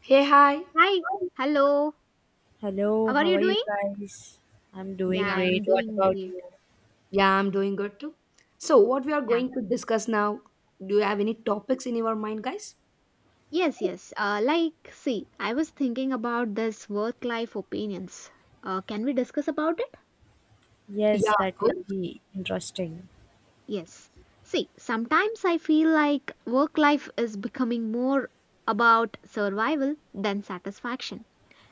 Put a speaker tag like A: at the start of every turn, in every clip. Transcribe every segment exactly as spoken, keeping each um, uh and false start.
A: Hey, hi.
B: Hi, hello.
C: Hello,
B: How are
C: how
B: you
C: are you
B: doing?
C: guys? I'm
B: Yeah,
C: doing
A: Yeah.
C: great.
B: I'm
C: What
B: doing
C: about
B: great.
C: you?
A: Yeah, I'm doing good too. So, what we are
B: Yeah.
A: going to discuss now? Do you have any topics in your mind, guys?
B: Yes, yes. Uh, like, see, I was thinking about this work-life opinions. Uh, can we discuss about it?
A: Yeah,
C: Yes,
A: of
C: that would
A: course.
C: be interesting.
B: Yes. See, sometimes I feel like work-life is becoming more about survival than satisfaction.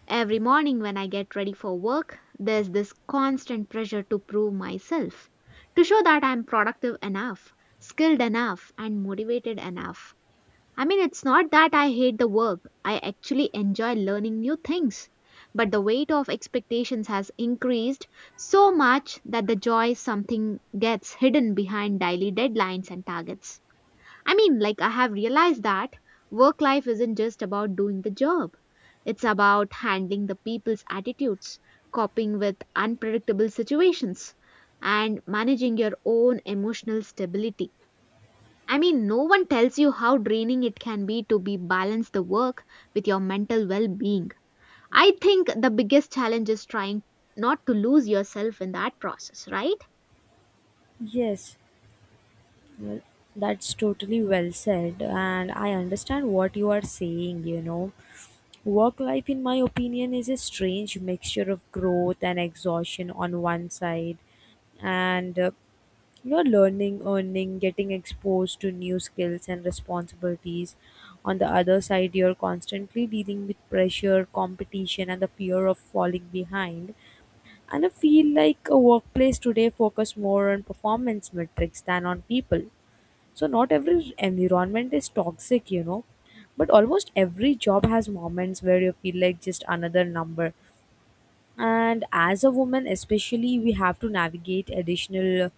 B: Every morning when I get ready for work, there's this constant pressure to prove myself, to show that I'm productive enough, skilled enough, and motivated enough. I mean, it's not that I hate the work, I actually enjoy learning new things. But the weight of expectations has increased so much that the joy something gets hidden behind daily deadlines and targets. I mean, like, I have realized that work life isn't just about doing the job, it's about handling the people's attitudes, coping with unpredictable situations, and managing your own emotional stability. I mean, no one tells you how draining it can be to be balance the work with your mental well-being. I think the biggest challenge is trying not to lose yourself in that process, right?
C: Yes, well, that's totally well said, and I understand what you are saying, you know. Work life, in my opinion, is a strange mixture of growth and exhaustion on one side, and uh, you know, learning, earning, getting exposed to new skills and responsibilities. On the other side, you're constantly dealing with pressure, competition, and the fear of falling behind. And I feel like a workplace today focus more on performance metrics than on people. So not every environment is toxic, you know, but almost every job has moments where you feel like just another number. And as a woman, especially, we have to navigate additional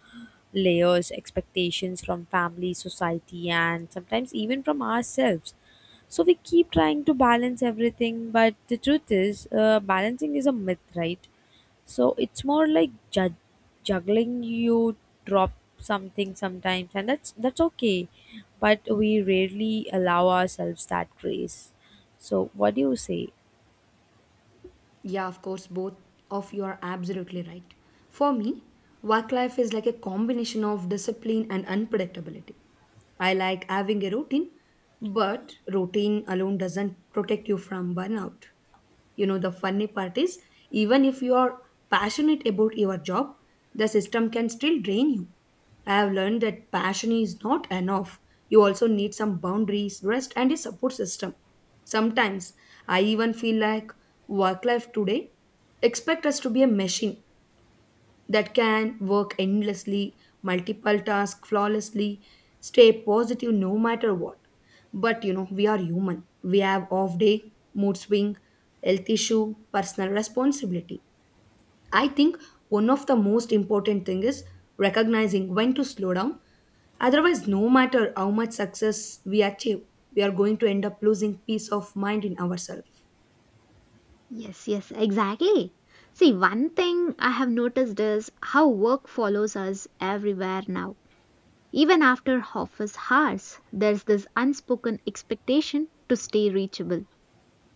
C: layers, expectations from family, society, and sometimes even from ourselves. So we keep trying to balance everything, but the truth is, uh, balancing is a myth, right? So it's more like ju- juggling. You drop something sometimes, and that's that's okay. But we rarely allow ourselves that grace. So what do you say?
A: Yeah, of course. Both of you are absolutely right. For me, work life is like a combination of discipline and unpredictability. I like having a routine, but routine alone doesn't protect you from burnout. You know, the funny part is, even if you are passionate about your job, the system can still drain you. I have learned that passion is not enough. You also need some boundaries, rest, and a support system. Sometimes I even feel like work life today expect us to be a machine that can work endlessly, multiple tasks flawlessly, stay positive no matter what. But you know, we are human. We have off day, mood swing, health issue, personal responsibility. I think one of the most important thing is recognizing when to slow down. Otherwise, no matter how much success we achieve, we are going to end up losing peace of mind in ourselves.
B: Yes, yes, exactly. See, one thing I have noticed is how work follows us everywhere now. Even after office hours, there's this unspoken expectation to stay reachable.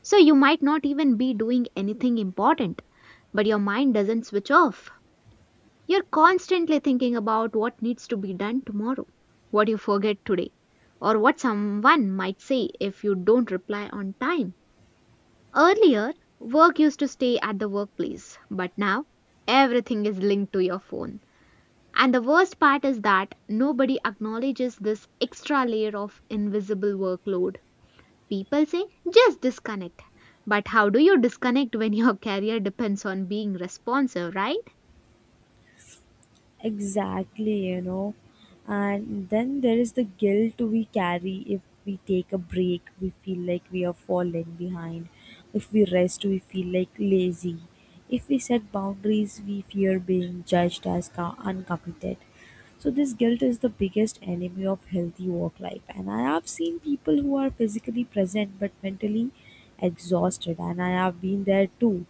B: So you might not even be doing anything important, but your mind doesn't switch off. You're constantly thinking about what needs to be done tomorrow, what you forget today, or what someone might say if you don't reply on time. Earlier, work used to stay at the workplace, but now everything is linked to your phone. And the worst part is that nobody acknowledges this extra layer of invisible workload. People say, just disconnect. But how do you disconnect when your career depends on being responsive, right?
C: Exactly, you know. And then there is the guilt we carry if we take a break, we feel like we are falling behind. If we rest, we feel like lazy. If we set boundaries, we fear being judged as co- uncommitted. So, this guilt is the biggest enemy of healthy work life. And I have seen people who are physically present but mentally exhausted, and I have been there too.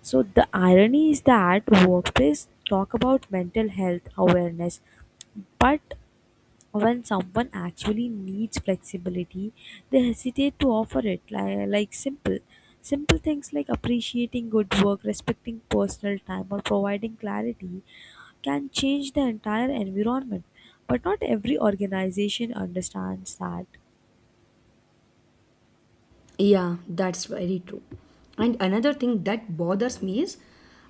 C: So the irony is that workplace talk about mental health awareness, but when someone actually needs flexibility, they hesitate to offer it. Like, like simple, simple things like appreciating good work, respecting personal time, or providing clarity can change the entire environment. But not every organization understands that.
A: Yeah, that's very true. And another thing that bothers me is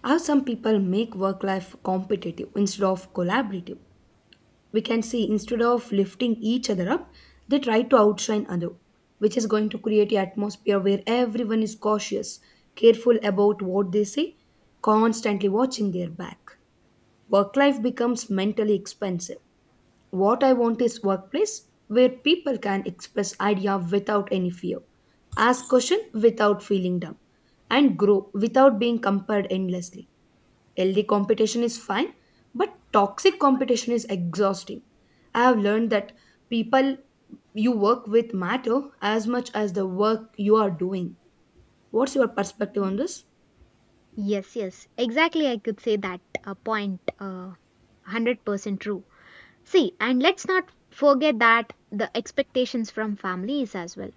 A: how some people make work life competitive instead of collaborative. We can see instead of lifting each other up, they try to outshine other, which is going to create an atmosphere where everyone is cautious, careful about what they say, constantly watching their back. Work life becomes mentally expensive. What I want is workplace where people can express idea without any fear, ask question without feeling dumb, and grow without being compared endlessly. Healthy competition is fine, but toxic competition is exhausting. I have learned that people you work with matter as much as the work you are doing. What's your perspective on this?
B: Yes, yes, exactly. I could say that uh, point uh, one hundred percent true. See, and let's not forget that the expectations from families as well.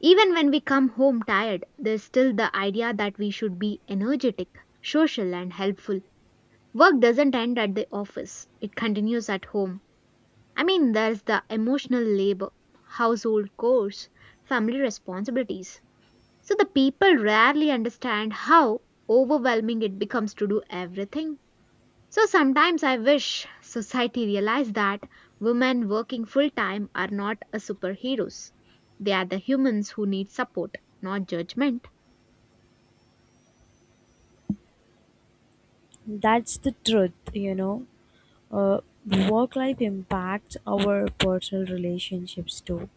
B: Even when we come home tired, there's still the idea that we should be energetic, social, and helpful. Work doesn't end at the office, it continues at home. I mean, there's the emotional labor, household chores, family responsibilities. So the people rarely understand how overwhelming it becomes to do everything. So sometimes I wish society realized that women working full time are not a superheroes. They are the humans who need support, not judgment.
C: That's the truth, you know. uh, Work life impacts our personal relationships too.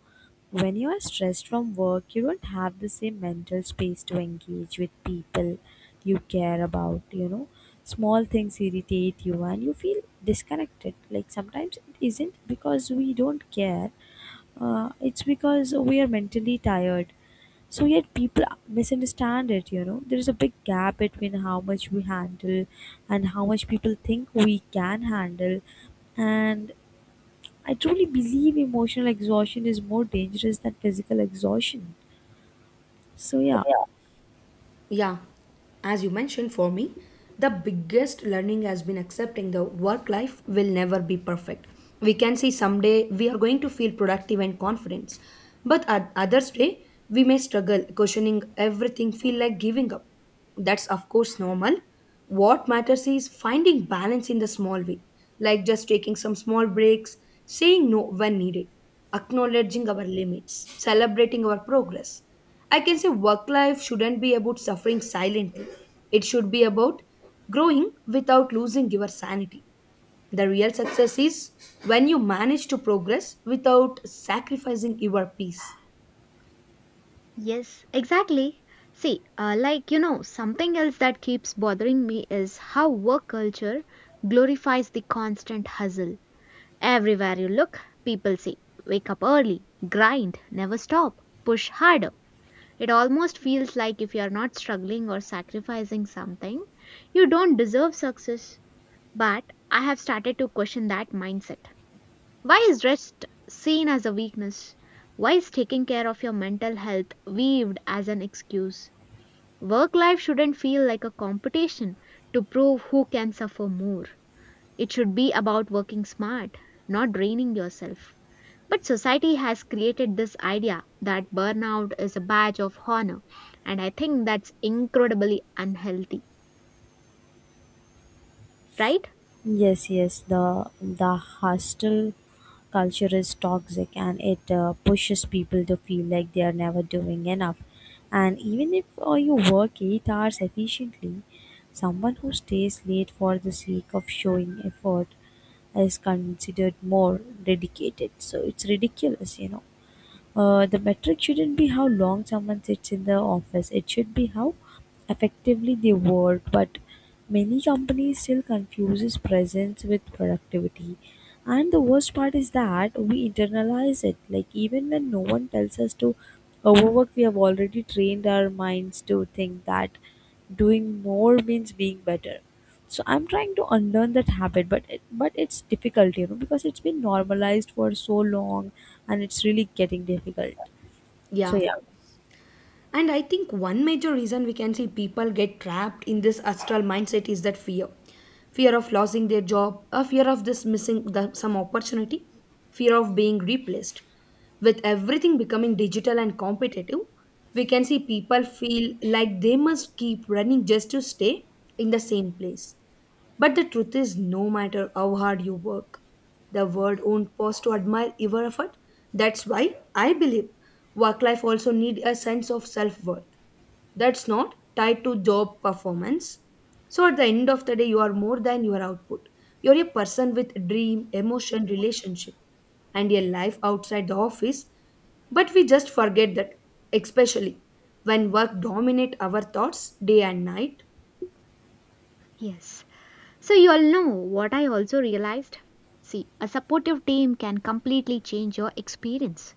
C: When you are stressed from work, you don't have the same mental space to engage with people you care about, you know. Small things irritate you and you feel disconnected. Like sometimes it isn't because we don't care, uh, it's because we are mentally tired. So yet people misunderstand it, you know. There is a big gap between how much we handle and how much people think we can handle, and I truly believe emotional exhaustion is more dangerous than physical exhaustion, so yeah.
A: Yeah, as you mentioned, for me, the biggest learning has been accepting the work life will never be perfect. We can say someday we are going to feel productive and confident, but at others day we may struggle, questioning everything, feel like giving up. That's, of course, normal. What matters is finding balance in the small way, like just taking some small breaks, saying no when needed, acknowledging our limits, celebrating our progress. I can say work life shouldn't be about suffering silently, it should be about growing without losing your sanity. The real success is when you manage to progress without sacrificing your peace.
B: Yes, exactly. See, uh, like you know, something else that keeps bothering me is how work culture glorifies the constant hustle. Everywhere you look, people say, wake up early, grind, never stop, push harder. It almost feels like if you're not struggling or sacrificing something, you don't deserve success. But I have started to question that mindset. Why is rest seen as a weakness? Why is taking care of your mental health weaved as an excuse? Work life shouldn't feel like a competition to prove who can suffer more. It should be about working smart, not draining yourself. But society has created this idea that burnout is a badge of honor, and I think that's incredibly unhealthy, right?
C: Yes, yes, the the hostile culture is toxic, and it uh, pushes people to feel like they are never doing enough. And even if uh, you work eight hours efficiently, someone who stays late for the sake of showing effort is considered more dedicated. So it's ridiculous, you know. Uh, the metric shouldn't be how long someone sits in the office, it should be how effectively they work. But many companies still confuses presence with productivity. And the worst part is that we internalize it. Like even when no one tells us to overwork, we have already trained our minds to think that doing more means being better. So I'm trying to unlearn that habit, but it, but it's difficult, you know, because it's been normalized for so long and it's really getting difficult. So
A: Yeah.
C: yeah,
A: And I think one major reason we can see people get trapped in this astral mindset is that fear. Fear of losing their job, a fear of this missing the, some opportunity, fear of being replaced. With everything becoming digital and competitive, we can see people feel like they must keep running just to stay in the same place. But the truth is, no matter how hard you work, the world won't pause to admire your effort. That's why I believe work life also need a sense of self worth that's not tied to job performance. So at the end of the day, you are more than your output. You're a person with dream, emotion, relationship, and a life outside the office. But we just forget that, especially when work dominate our thoughts day and night.
B: Yes. So, you all know what I also realized? See, a supportive team can completely change your experience.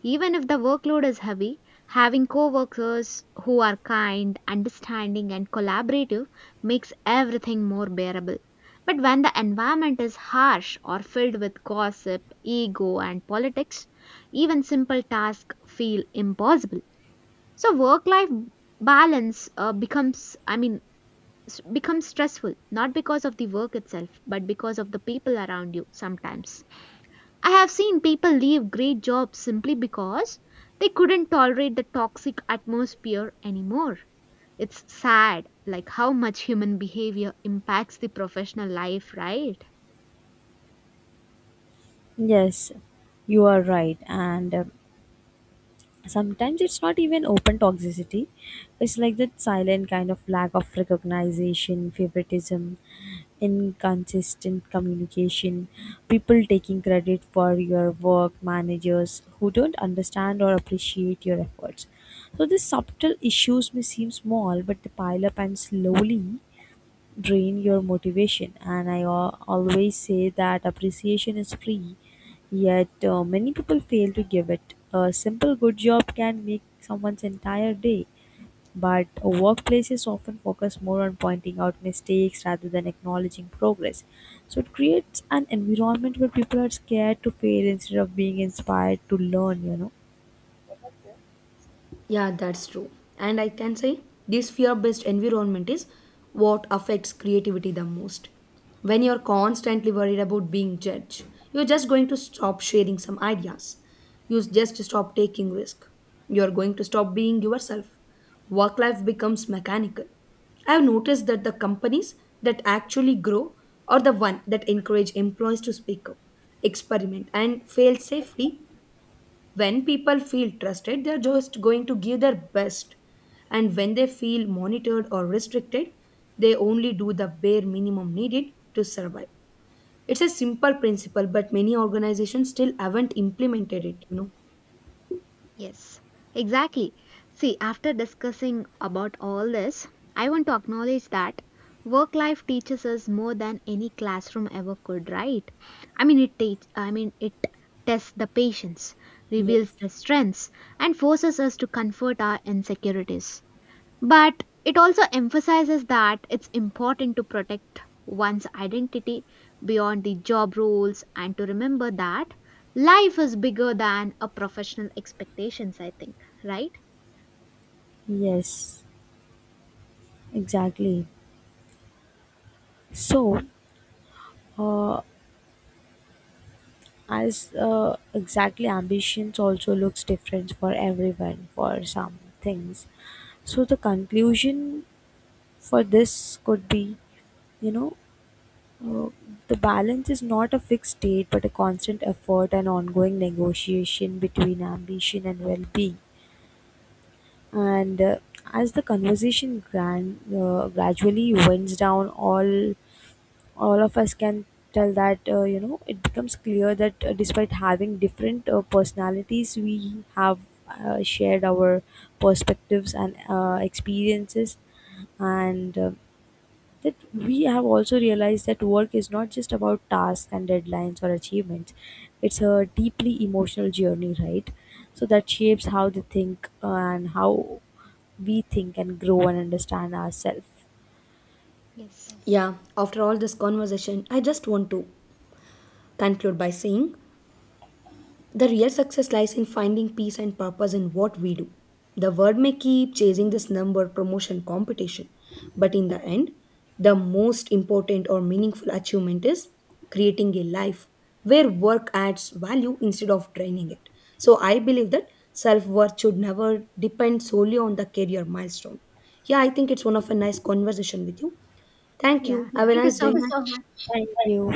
B: Even if the workload is heavy, having coworkers who are kind, understanding, and collaborative makes everything more bearable. But when the environment is harsh or filled with gossip, ego, and politics, even simple tasks feel impossible. So work life balance uh, becomes, I mean, s- becomes stressful not because of the work itself, but because of the people around you sometimes. I have seen people leave great jobs simply because they couldn't tolerate the toxic atmosphere anymore. It's sad, like how much human behavior impacts the professional life, right?
C: yes, you are right. And um, sometimes it's not even open toxicity. It's like that silent kind of lack of recognition, favoritism, inconsistent communication, people taking credit for your work, managers who don't understand or appreciate your efforts. So these subtle issues may seem small, but they pile up and slowly drain your motivation. And i al- always say that appreciation is free, yet uh, many people fail to give it. A simple good job can make someone's entire day, but workplaces often focus more on pointing out mistakes rather than acknowledging progress. So it creates an environment where people are scared to fail instead of being inspired to learn, you know.
A: Yeah, that's true. And I can say this fear based environment is what affects creativity the most. When you're constantly worried about being judged, you're just going to stop sharing some ideas. You just stop taking risk. You're going to stop being yourself. Work life becomes mechanical. I've noticed that the companies that actually grow are the one that encourage employees to speak up, experiment, and fail safely. When people feel trusted, they're just going to give their best, and when they feel monitored or restricted, they only do the bare minimum needed to survive. It's a simple principle, but many organizations still haven't implemented it, you know.
B: Yes, exactly. See, after discussing about all this, I want to acknowledge that work life teaches us more than any classroom ever could, right? I mean, it teach, I mean, it tests the patience, reveals
C: Yes,
B: the strengths, and forces us to comfort our insecurities. But it also emphasizes that it's important to protect one's identity beyond the job roles and to remember that life is bigger than a professional expectations, I think, right?
C: yes, exactly. So, uh, as uh, exactly, ambitions also looks different for everyone, for some things. So the conclusion for this could be, you know, uh, the balance is not a fixed state but a constant effort and ongoing negotiation between ambition and well-being. And uh, as the conversation gran- uh, gradually winds down, all all of us can tell that, uh, you know, it becomes clear that uh, despite having different uh, personalities, we have uh, shared our perspectives and uh, experiences. And uh, that we have also realized that work is not just about tasks and deadlines or achievements, it's a deeply emotional journey, right? So that shapes how they think, uh, and how we think and grow and understand ourselves.
B: Yes.
A: Yeah, after all this conversation, I just want to conclude by saying, the real success lies in finding peace and purpose in what we do. The world may keep chasing this number, promotion, competition, but in the end, the most important or meaningful achievement is creating a life where work adds value instead of draining it. So I believe that self worth should never depend solely on the career milestone. Yeah, I think it's one of a nice conversation with you. Thank
B: Yeah.
A: you. Have a
B: Thank you
A: nice
B: so
A: Thank day. Thank you so
B: much.
C: Thank
A: much.
C: you.